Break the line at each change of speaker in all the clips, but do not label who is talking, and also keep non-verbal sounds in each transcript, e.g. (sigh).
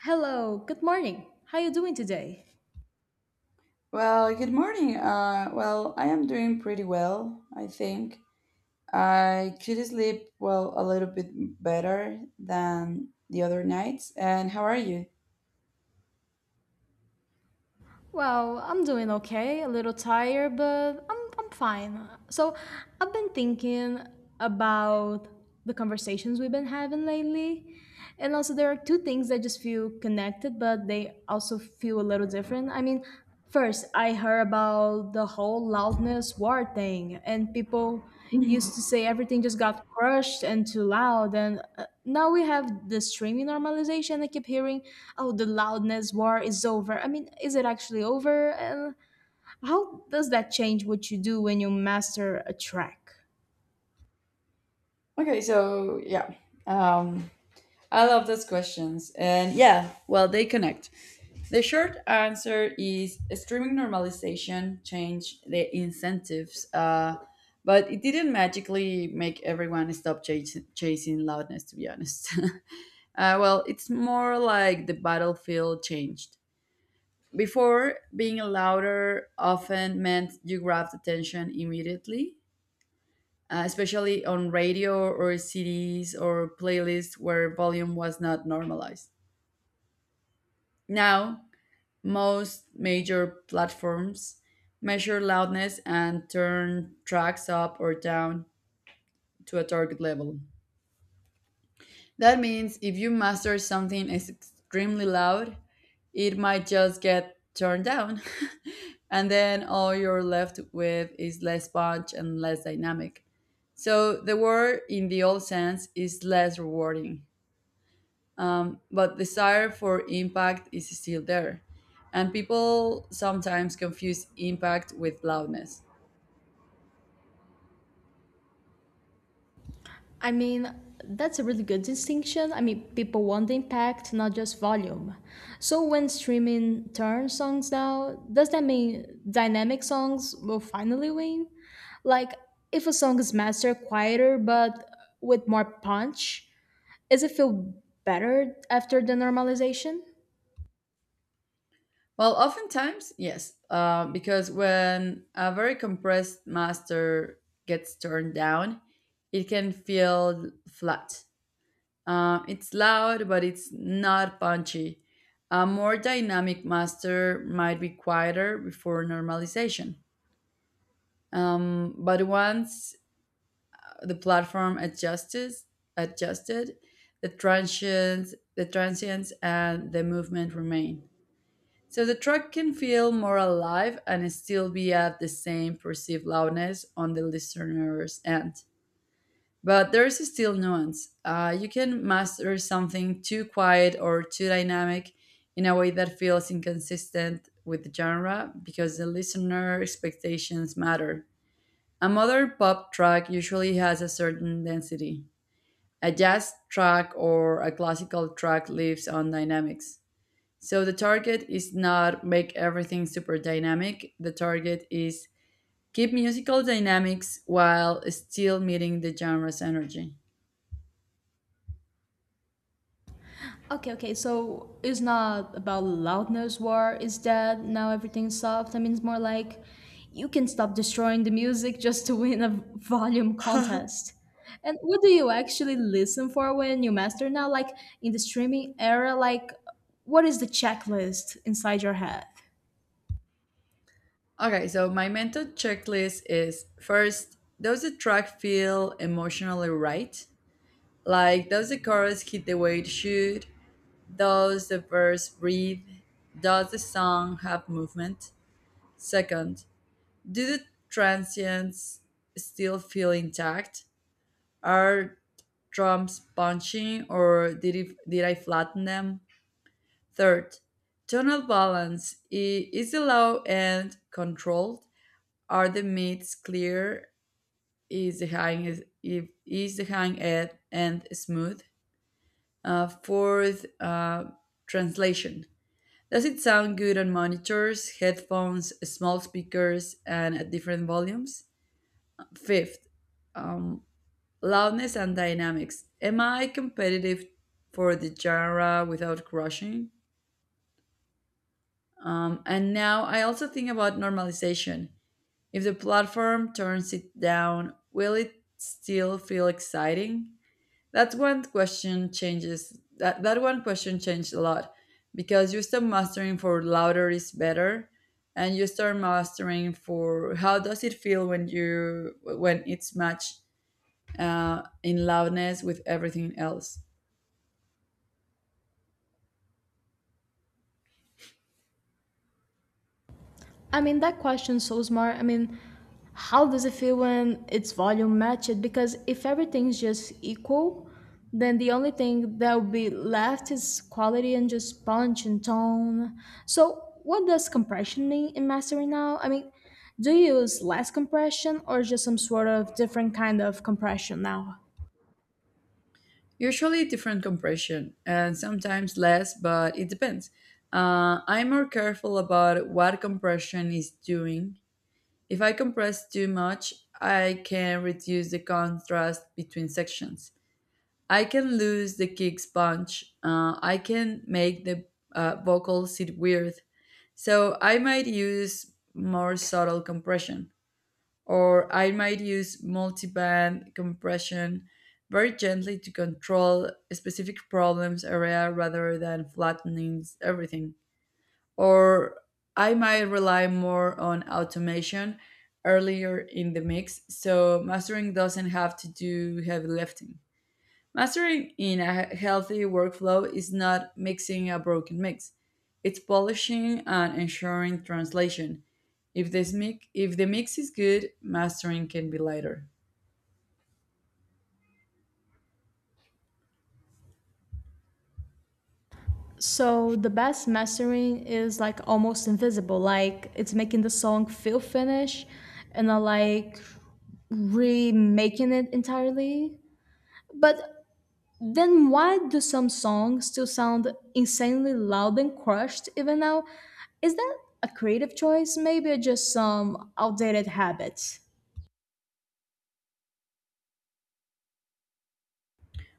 Hello, good morning. How you doing today?
Well, good morning. I am doing pretty well, I think. I could sleep, well, a little bit better than the other nights. And how are you?
Well, I'm doing okay, a little tired, but I'm fine. So, I've been thinking about the conversations we've been having lately. And also, there are two things that just feel connected, but they also feel a little different. First, I heard about the whole loudness war thing and people used to
(laughs)
say everything just got crushed and too loud and now we have the streaming normalization. I keep hearing, oh, the loudness war is over. I mean, is it actually over, and how does that change what you do when you master a track?
Okay, so yeah, um, I love those questions. And yeah, well, they connect. The short answer is streaming normalization changed the incentives, but it didn't magically make everyone stop chasing loudness, to be honest. (laughs) It's more like the battlefield changed. Before, being louder often meant you grabbed attention immediately, especially on radio or CDs or playlists where volume was not normalized. Now, most major platforms measure loudness and turn tracks up or down to a target level. That means if you master something is extremely loud, it might just get turned down. (laughs) And then all you're left with is less punch and less dynamic. So the word in the old sense is less rewarding. But desire for impact is still there. And people sometimes confuse impact with loudness.
I mean, that's a really good distinction. I mean, people want impact, not just volume. So when streaming turns songs out, does that mean dynamic songs will finally win? Like, if a song is mastered quieter but with more punch, does it feel better after the normalization?
Well, oftentimes, yes, because when a very compressed master gets turned down, it can feel flat. It's loud, but it's not punchy. A more dynamic master might be quieter before normalization. But once the platform adjusts, adjusted, the transients, and the movement remain. So the track can feel more alive and still be at the same perceived loudness on the listener's end. But there's still nuance. You can master something too quiet or too dynamic in a way that feels inconsistent with the genre because the listener expectations matter. A modern pop track usually has a certain density. A jazz track or a classical track lives on dynamics. So the target is not make everything super dynamic. The target is keep musical dynamics while still meeting the genre's energy.
Okay, okay. So it's not about loudness war is dead, now everything's soft. I mean, it's more like you can stop destroying the music just to win a volume contest. And what do you actually listen for when you master now? Like, in the streaming era, like, what is the checklist inside your head?
Okay, so my mental checklist is first, does the track feel emotionally right? Like, does the chorus hit the way it should? Does the verse breathe? Does the song have movement? Second, do the transients still feel intact? Are drums punching or did I flatten them? Third, tonal balance is the low end controlled? Are the mids clear? Is the high is, if- is the high end smooth? Fourth, translation. Does it sound good on monitors, headphones, small speakers, and at different volumes? Fifth, um, loudness and dynamics. Am I competitive for the genre without crushing? And now I also think about normalization. If the platform turns it down, will it still feel exciting? That one question changes. That one question changed a lot because you stop mastering for louder is better and you start mastering for how does it feel when you when it's matched in loudness with everything else.
I mean, that question's so smart. I mean, how does it feel when its volume matches? Because if everything's just equal, then the only thing that will be left is quality and just punch and tone. So, what does compression mean in mastering now? I mean, do you use less compression or just some sort of different kind of compression now?
Usually different compression, and sometimes less, but it depends. I'm more careful about what compression is doing. If I compress too much, I can reduce the contrast between sections. I can lose the kick's punch. I can make the vocal sit weird. So I might use more subtle compression or I might use multiband compression very gently to control specific problems area rather than flattening everything. Or I might rely more on automation earlier in the mix, so mastering doesn't have to do heavy lifting. Mastering in a healthy workflow is not mixing a broken mix. It's polishing and ensuring translation. If the mix is good, mastering can be lighter.
So the bass mastering is like almost invisible. Like, it's making the song feel finished and not like remaking it entirely. But then why do some songs still sound insanely loud and crushed even now? Is that a creative choice? Maybe just some outdated habits.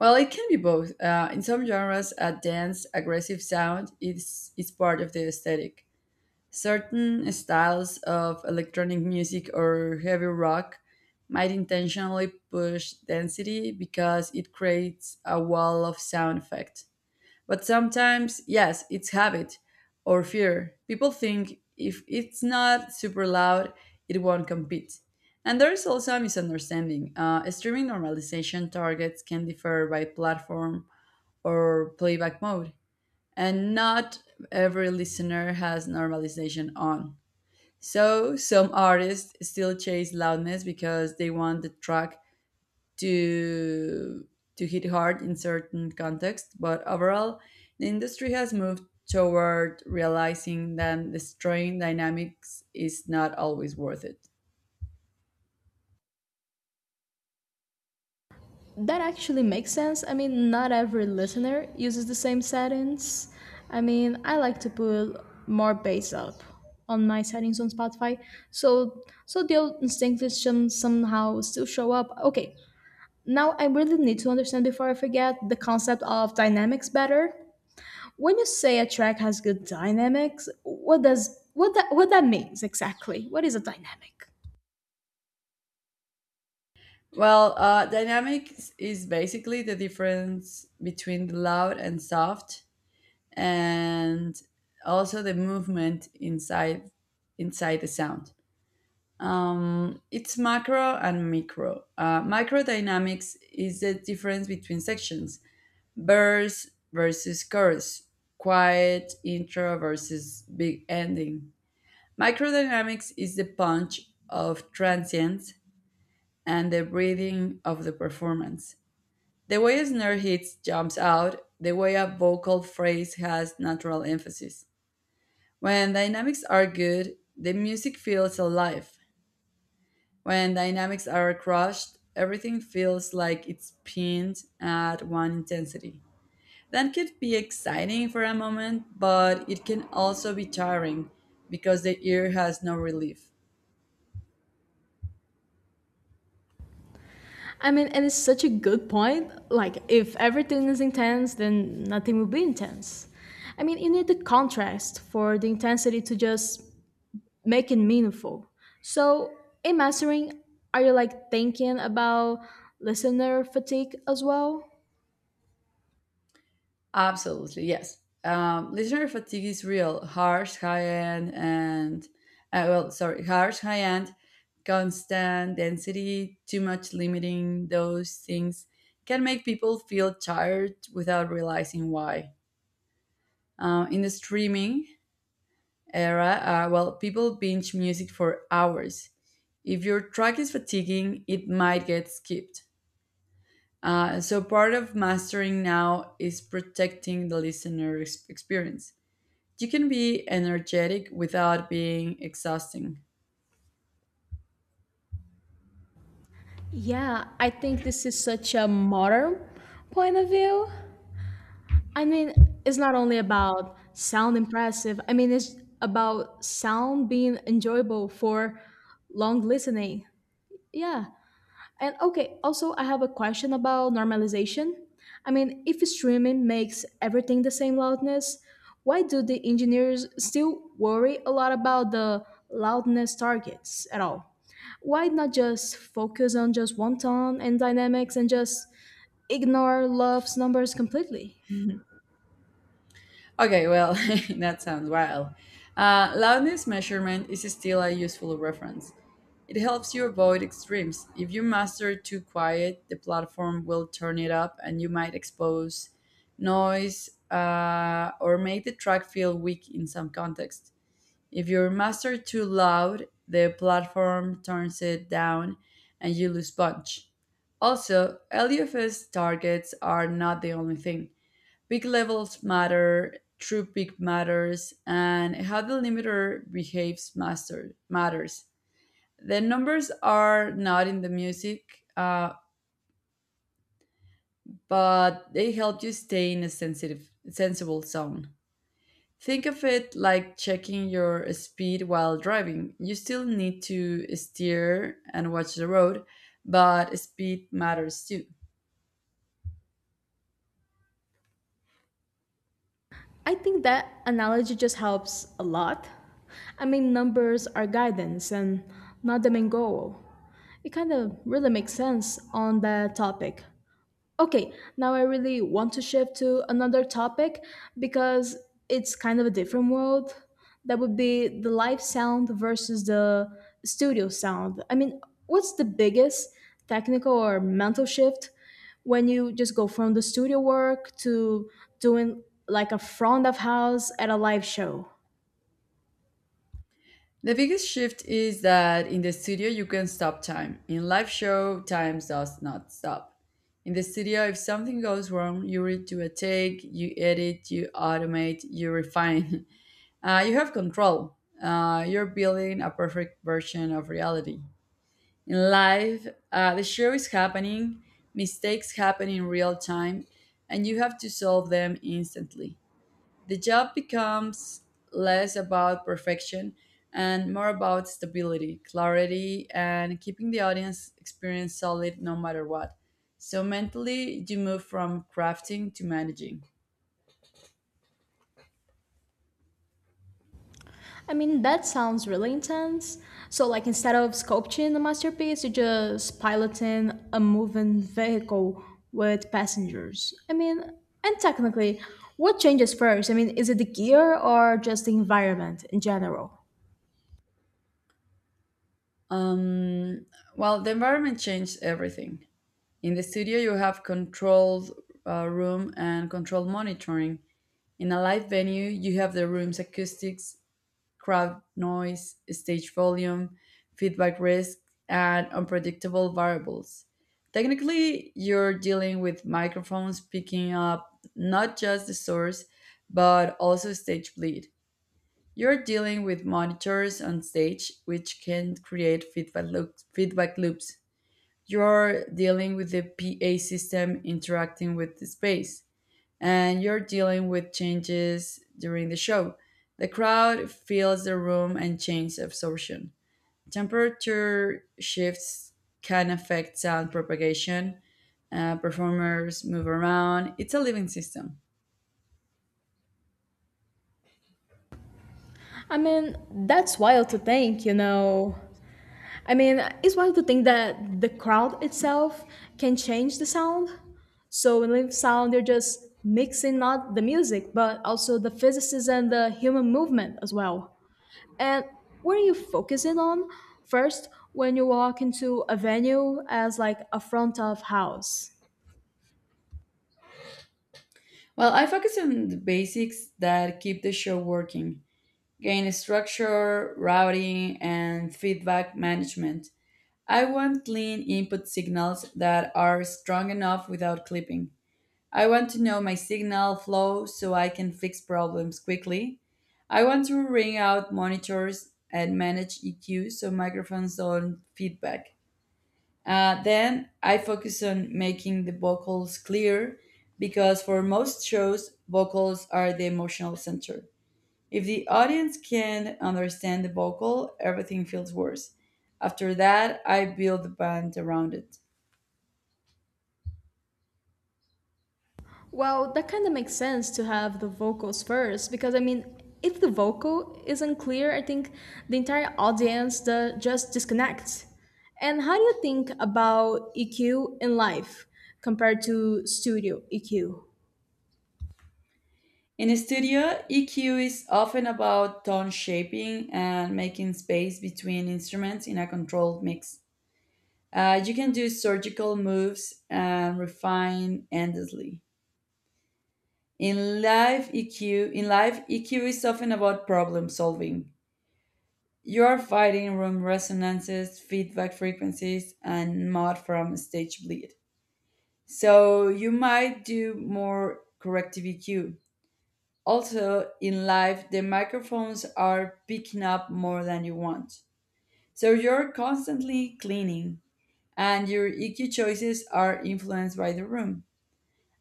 Well, it can be both. In some genres, a dense, aggressive sound is part of the aesthetic. Certain styles of electronic music or heavy rock might intentionally push density because it creates a wall of sound effects. But sometimes, yes, it's habit or fear. People think if it's not super loud, it won't compete. And there is also a misunderstanding. Streaming normalization targets can differ by platform or playback mode, and not every listener has normalization on. So, some artists still chase loudness because they want the track to to hit hard in certain contexts, but overall, the industry has moved toward realizing that destroying dynamics is not always worth it.
That actually makes sense. I mean, not every listener uses the same settings. I mean, I like to put more bass up on my settings on Spotify, so the old instincts somehow still show up. Okay, now I really need to understand before I forget the concept of dynamics better. When you say a track has good dynamics, what that means exactly? What is a dynamic?
Well, dynamics is basically the difference between the loud and soft, and also the movement inside the sound. It's macro and micro. Micro dynamics is the difference between sections. Bears versus Chorus, quiet intro versus big ending. Microdynamics is the punch of transients and the breathing of the performance. The way a snare hits jumps out, the way a vocal phrase has natural emphasis. When dynamics are good, the music feels alive. When dynamics are crushed, everything feels like it's pinned at one intensity. That could be exciting for a moment, but it can also be tiring because the ear has no relief.
I mean, and it's such a good point. Like, if everything is intense, then nothing will be intense. I mean, you need the contrast for the intensity to just make it meaningful. So, in mastering, are you like thinking about listener fatigue as well?
Absolutely, yes. Listener fatigue is real. Harsh high end, constant density, too much limiting those things can make people feel tired without realizing why. In the streaming, era, people binge music for hours. If your track is fatiguing, it might get skipped. So, part of mastering now is protecting the listener experience. You can be energetic without being exhausting.
Yeah, I think this is such a modern point of view. I mean, it's not only about sound impressive, I mean, it's about sound being enjoyable for long listening. Yeah. And okay, also I have a question about normalization. I mean, if streaming makes everything the same loudness, why do the engineers still worry a lot about the loudness targets at all? Why not just focus on just one tone and dynamics and just ignore Love's numbers completely?
(laughs) Okay, well, (laughs) that sounds wild. Loudness measurement is still a useful reference. It helps you avoid extremes. If you master too quiet, the platform will turn it up and you might expose noise or make the track feel weak in some context. If you master too loud, the platform turns it down and you lose punch. Also, LUFS targets are not the only thing big levels matter, true peak matters, and how the limiter behaves master, matters. The numbers are not in the music, but they help you stay in a sensible zone. Think of it like checking your speed while driving. You still need to steer and watch the road, but speed matters too.
I think that analogy just helps a lot. I mean, numbers are guidance and not the main goal. It kind of really makes sense on that topic. Okay, now I really want to shift to another topic because it's kind of a different world. That would be the live sound versus the studio sound. I mean, what's the biggest technical or mental shift when you just go from the studio work to doing like a front of house at a live show?
The biggest shift is that in the studio you can stop time. In live show, time does not stop. In the studio, if something goes wrong, you redo a take, you edit, you automate, you refine. (laughs) You have control. You're building a perfect version of reality. In live, the show is happening, mistakes happen in real time, and you have to solve them instantly. The job becomes less about perfection and more about stability, clarity, and keeping the audience experience solid no matter what. So mentally, you move from crafting to managing.
I mean, that sounds really intense. So, like, instead of sculpting a masterpiece, you're just piloting a moving vehicle with passengers. I mean, and technically, what changes first? I mean, is it the gear or just the environment in general?
Um, the environment changed everything. In the studio, you have controlled room and controlled monitoring. In a live venue, you have the room's acoustics, crowd noise, stage volume, feedback risk, and unpredictable variables. Technically, you're dealing with microphones picking up not just the source, but also stage bleed. You're dealing with monitors on stage, which can create feedback loops. You're dealing with the PA system interacting with the space and you're dealing with changes during the show. The crowd feels the room and changes absorption. Temperature shifts can affect sound propagation. Performers move around. It's a living system.
I mean, that's wild to think, you know. I mean, it's wild to think that the crowd itself can change the sound. So in live sound, they're just mixing not the music, but also the physics and the human movement as well. And what are you focusing on first when you walk into a venue as like a front of house?
Well, I focus on the basics that keep the show working gain structure, routing, and feedback management. I want clean input signals that are strong enough without clipping. I want to know my signal flow so I can fix problems quickly. I want to ring out monitors and manage EQ so microphones don't feedback. Then I focus on making the vocals clear because for most shows, vocals are the emotional center. If the audience can't understand the vocal, everything feels worse. After that, I build the band around it.
Well, that kind of makes sense to have the vocals first because, I mean, if the vocal isn't clear, I think the entire audience just disconnects. And how do you think about EQ in live compared to studio EQ?
In a studio, EQ is often about tone shaping and making space between instruments in a controlled mix. You can do surgical moves and refine endlessly. In live EQ is often about problem solving. You are fighting room resonances, feedback frequencies, and mud from stage bleed. So you might do more corrective EQ. Also, in life, the microphones are picking up more than you want. So you're constantly cleaning, and your EQ choices are influenced by the room.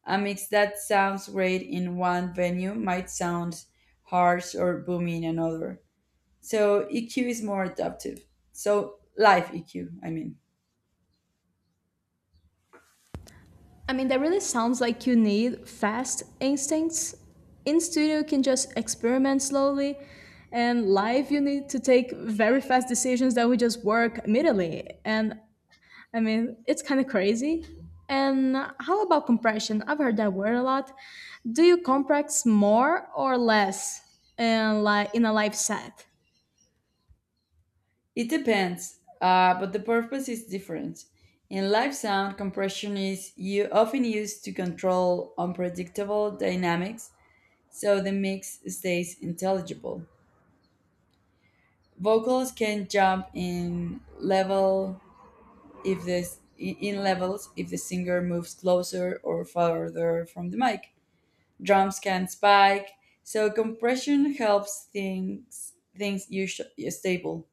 A mix that sounds great in one venue might sound harsh or boomy in another. So EQ is more adaptive. So life EQ, I mean.
I mean, that really sounds like you need fast instincts. In studio, you can just experiment slowly, and live, you need to take very fast decisions that would just work immediately. And I mean, it's kind of crazy. And how about compression? I've heard that word a lot. Do you compress more or less in, like, in a live set?
It depends, but the purpose is different. In live sound, compression is often used to control unpredictable dynamics so the mix stays intelligible. Vocals can jump in level if this in levels if the singer moves closer or farther from the mic. Drums can spike, so compression helps things usually stable.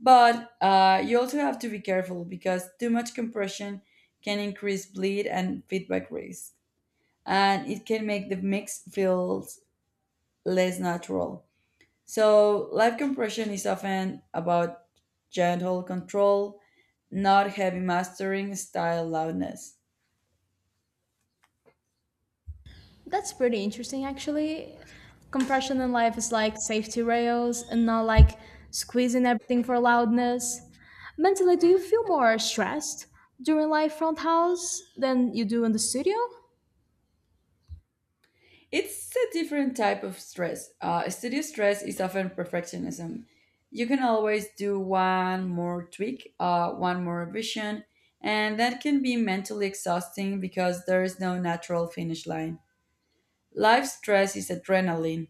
But you also have to be careful because too much compression can increase bleed and feedback risk, and it can make the mix feel less natural. So, live compression is often about gentle control, not heavy mastering style loudness.
That's pretty interesting, actually. Compression in life is like safety rails and not like squeezing everything for loudness. Mentally, do you feel more stressed during live front house than you do in the studio?
It's a different type of stress. Studio stress is often perfectionism. You can always do one more tweak, one more revision, and that can be mentally exhausting because there is no natural finish line. Live stress is adrenaline.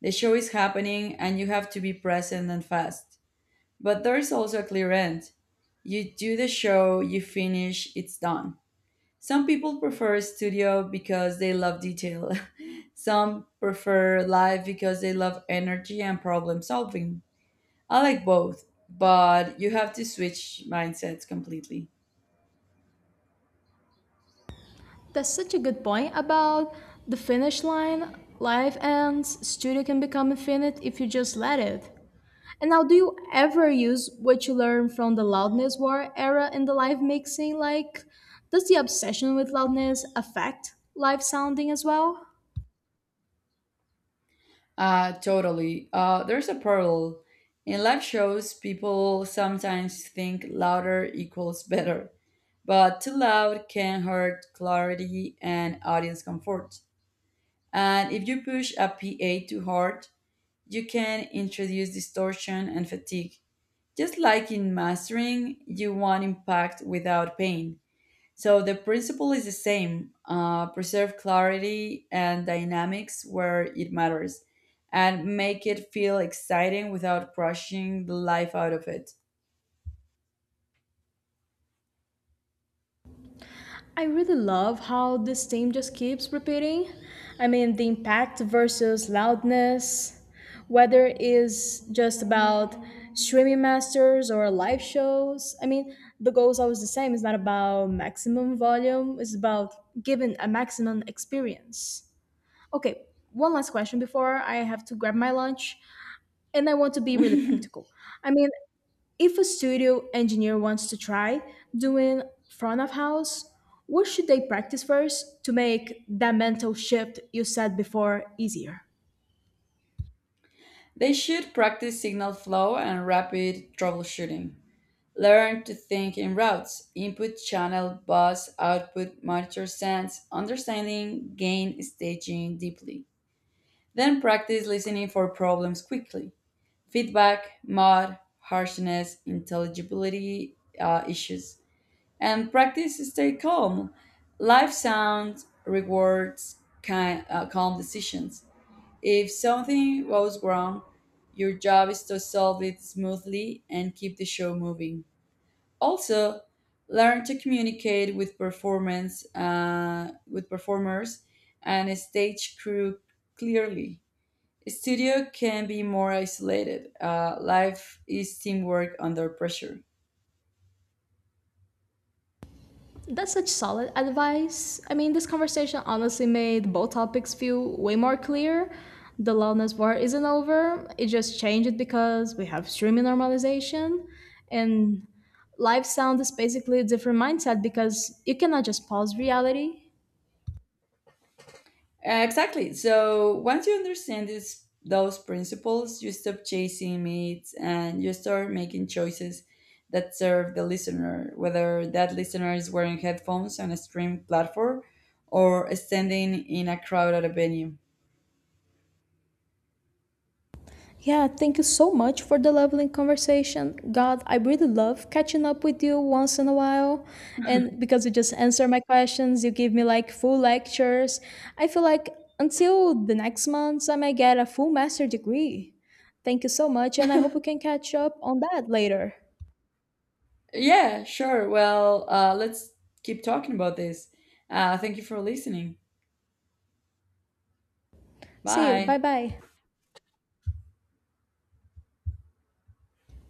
The show is happening and you have to be present and fast. But there is also a clear end. You do the show, you finish, it's done. Some people prefer studio because they love detail. (laughs) Some prefer live because they love energy and problem solving. I like both, but you have to switch mindsets completely.
That's such a good point about the finish line. Life ends, studio can become infinite if you just let it. And now, do you ever use what you learn from the loudness war era in the live mixing? Like, does the obsession with loudness affect live sounding as well?
Totally. There's a parallel. In live shows, people sometimes think louder equals better, but too loud can hurt clarity and audience comfort. And if you push a PA too hard, you can introduce distortion and fatigue. Just like in mastering, you want impact without pain. So the principle is the same preserve clarity and dynamics where it matters, and make it feel exciting without crushing the life out of it.
I really love how this theme just keeps repeating. I mean, the impact versus loudness, whether it is just about streaming masters or live shows. I mean, the goal is always the same. It's not about maximum volume, it's about giving a maximum experience. Okay, one last question before I have to grab my lunch. And I want to be really practical.
(laughs)
I mean, if a studio engineer wants to try doing front of house, what should they practice first to make that mental shift you said before easier?
They should practice signal flow and rapid troubleshooting. Learn to think in routes, input channel, bus, output, monitor sense, understanding, gain, staging deeply. Then practice listening for problems quickly. Feedback, mod, harshness, intelligibility issues. And practice stay calm. Life sounds rewards calm decisions. If something goes wrong, your job is to solve it smoothly and keep the show moving. Also learn to communicate with performance with performers and a stage crew clearly. Studio can be more isolated. Life is teamwork under pressure.
That's such solid advice. I mean, this conversation honestly made both topics feel way more clear. The loudness war isn't over, it just changed because we have streaming normalization. And live sound is basically a different mindset because you cannot just pause reality.
Exactly. So once you understand this those principles you stop chasing meats and you start making choices that serve the listener, whether that listener is wearing headphones on a stream platform or standing in a crowd at a venue.
Yeah, thank you so much for the lovely conversation. God, I really love catching up with you once in a while. And because you just answer my questions, you give me like full lectures. I feel like until the next month, I might get a full master degree. Thank you so much, and I hope we can catch up on that later.
Yeah, sure. Well, let's keep talking about this. Thank you for listening.
See you. Bye
Bye.
bye.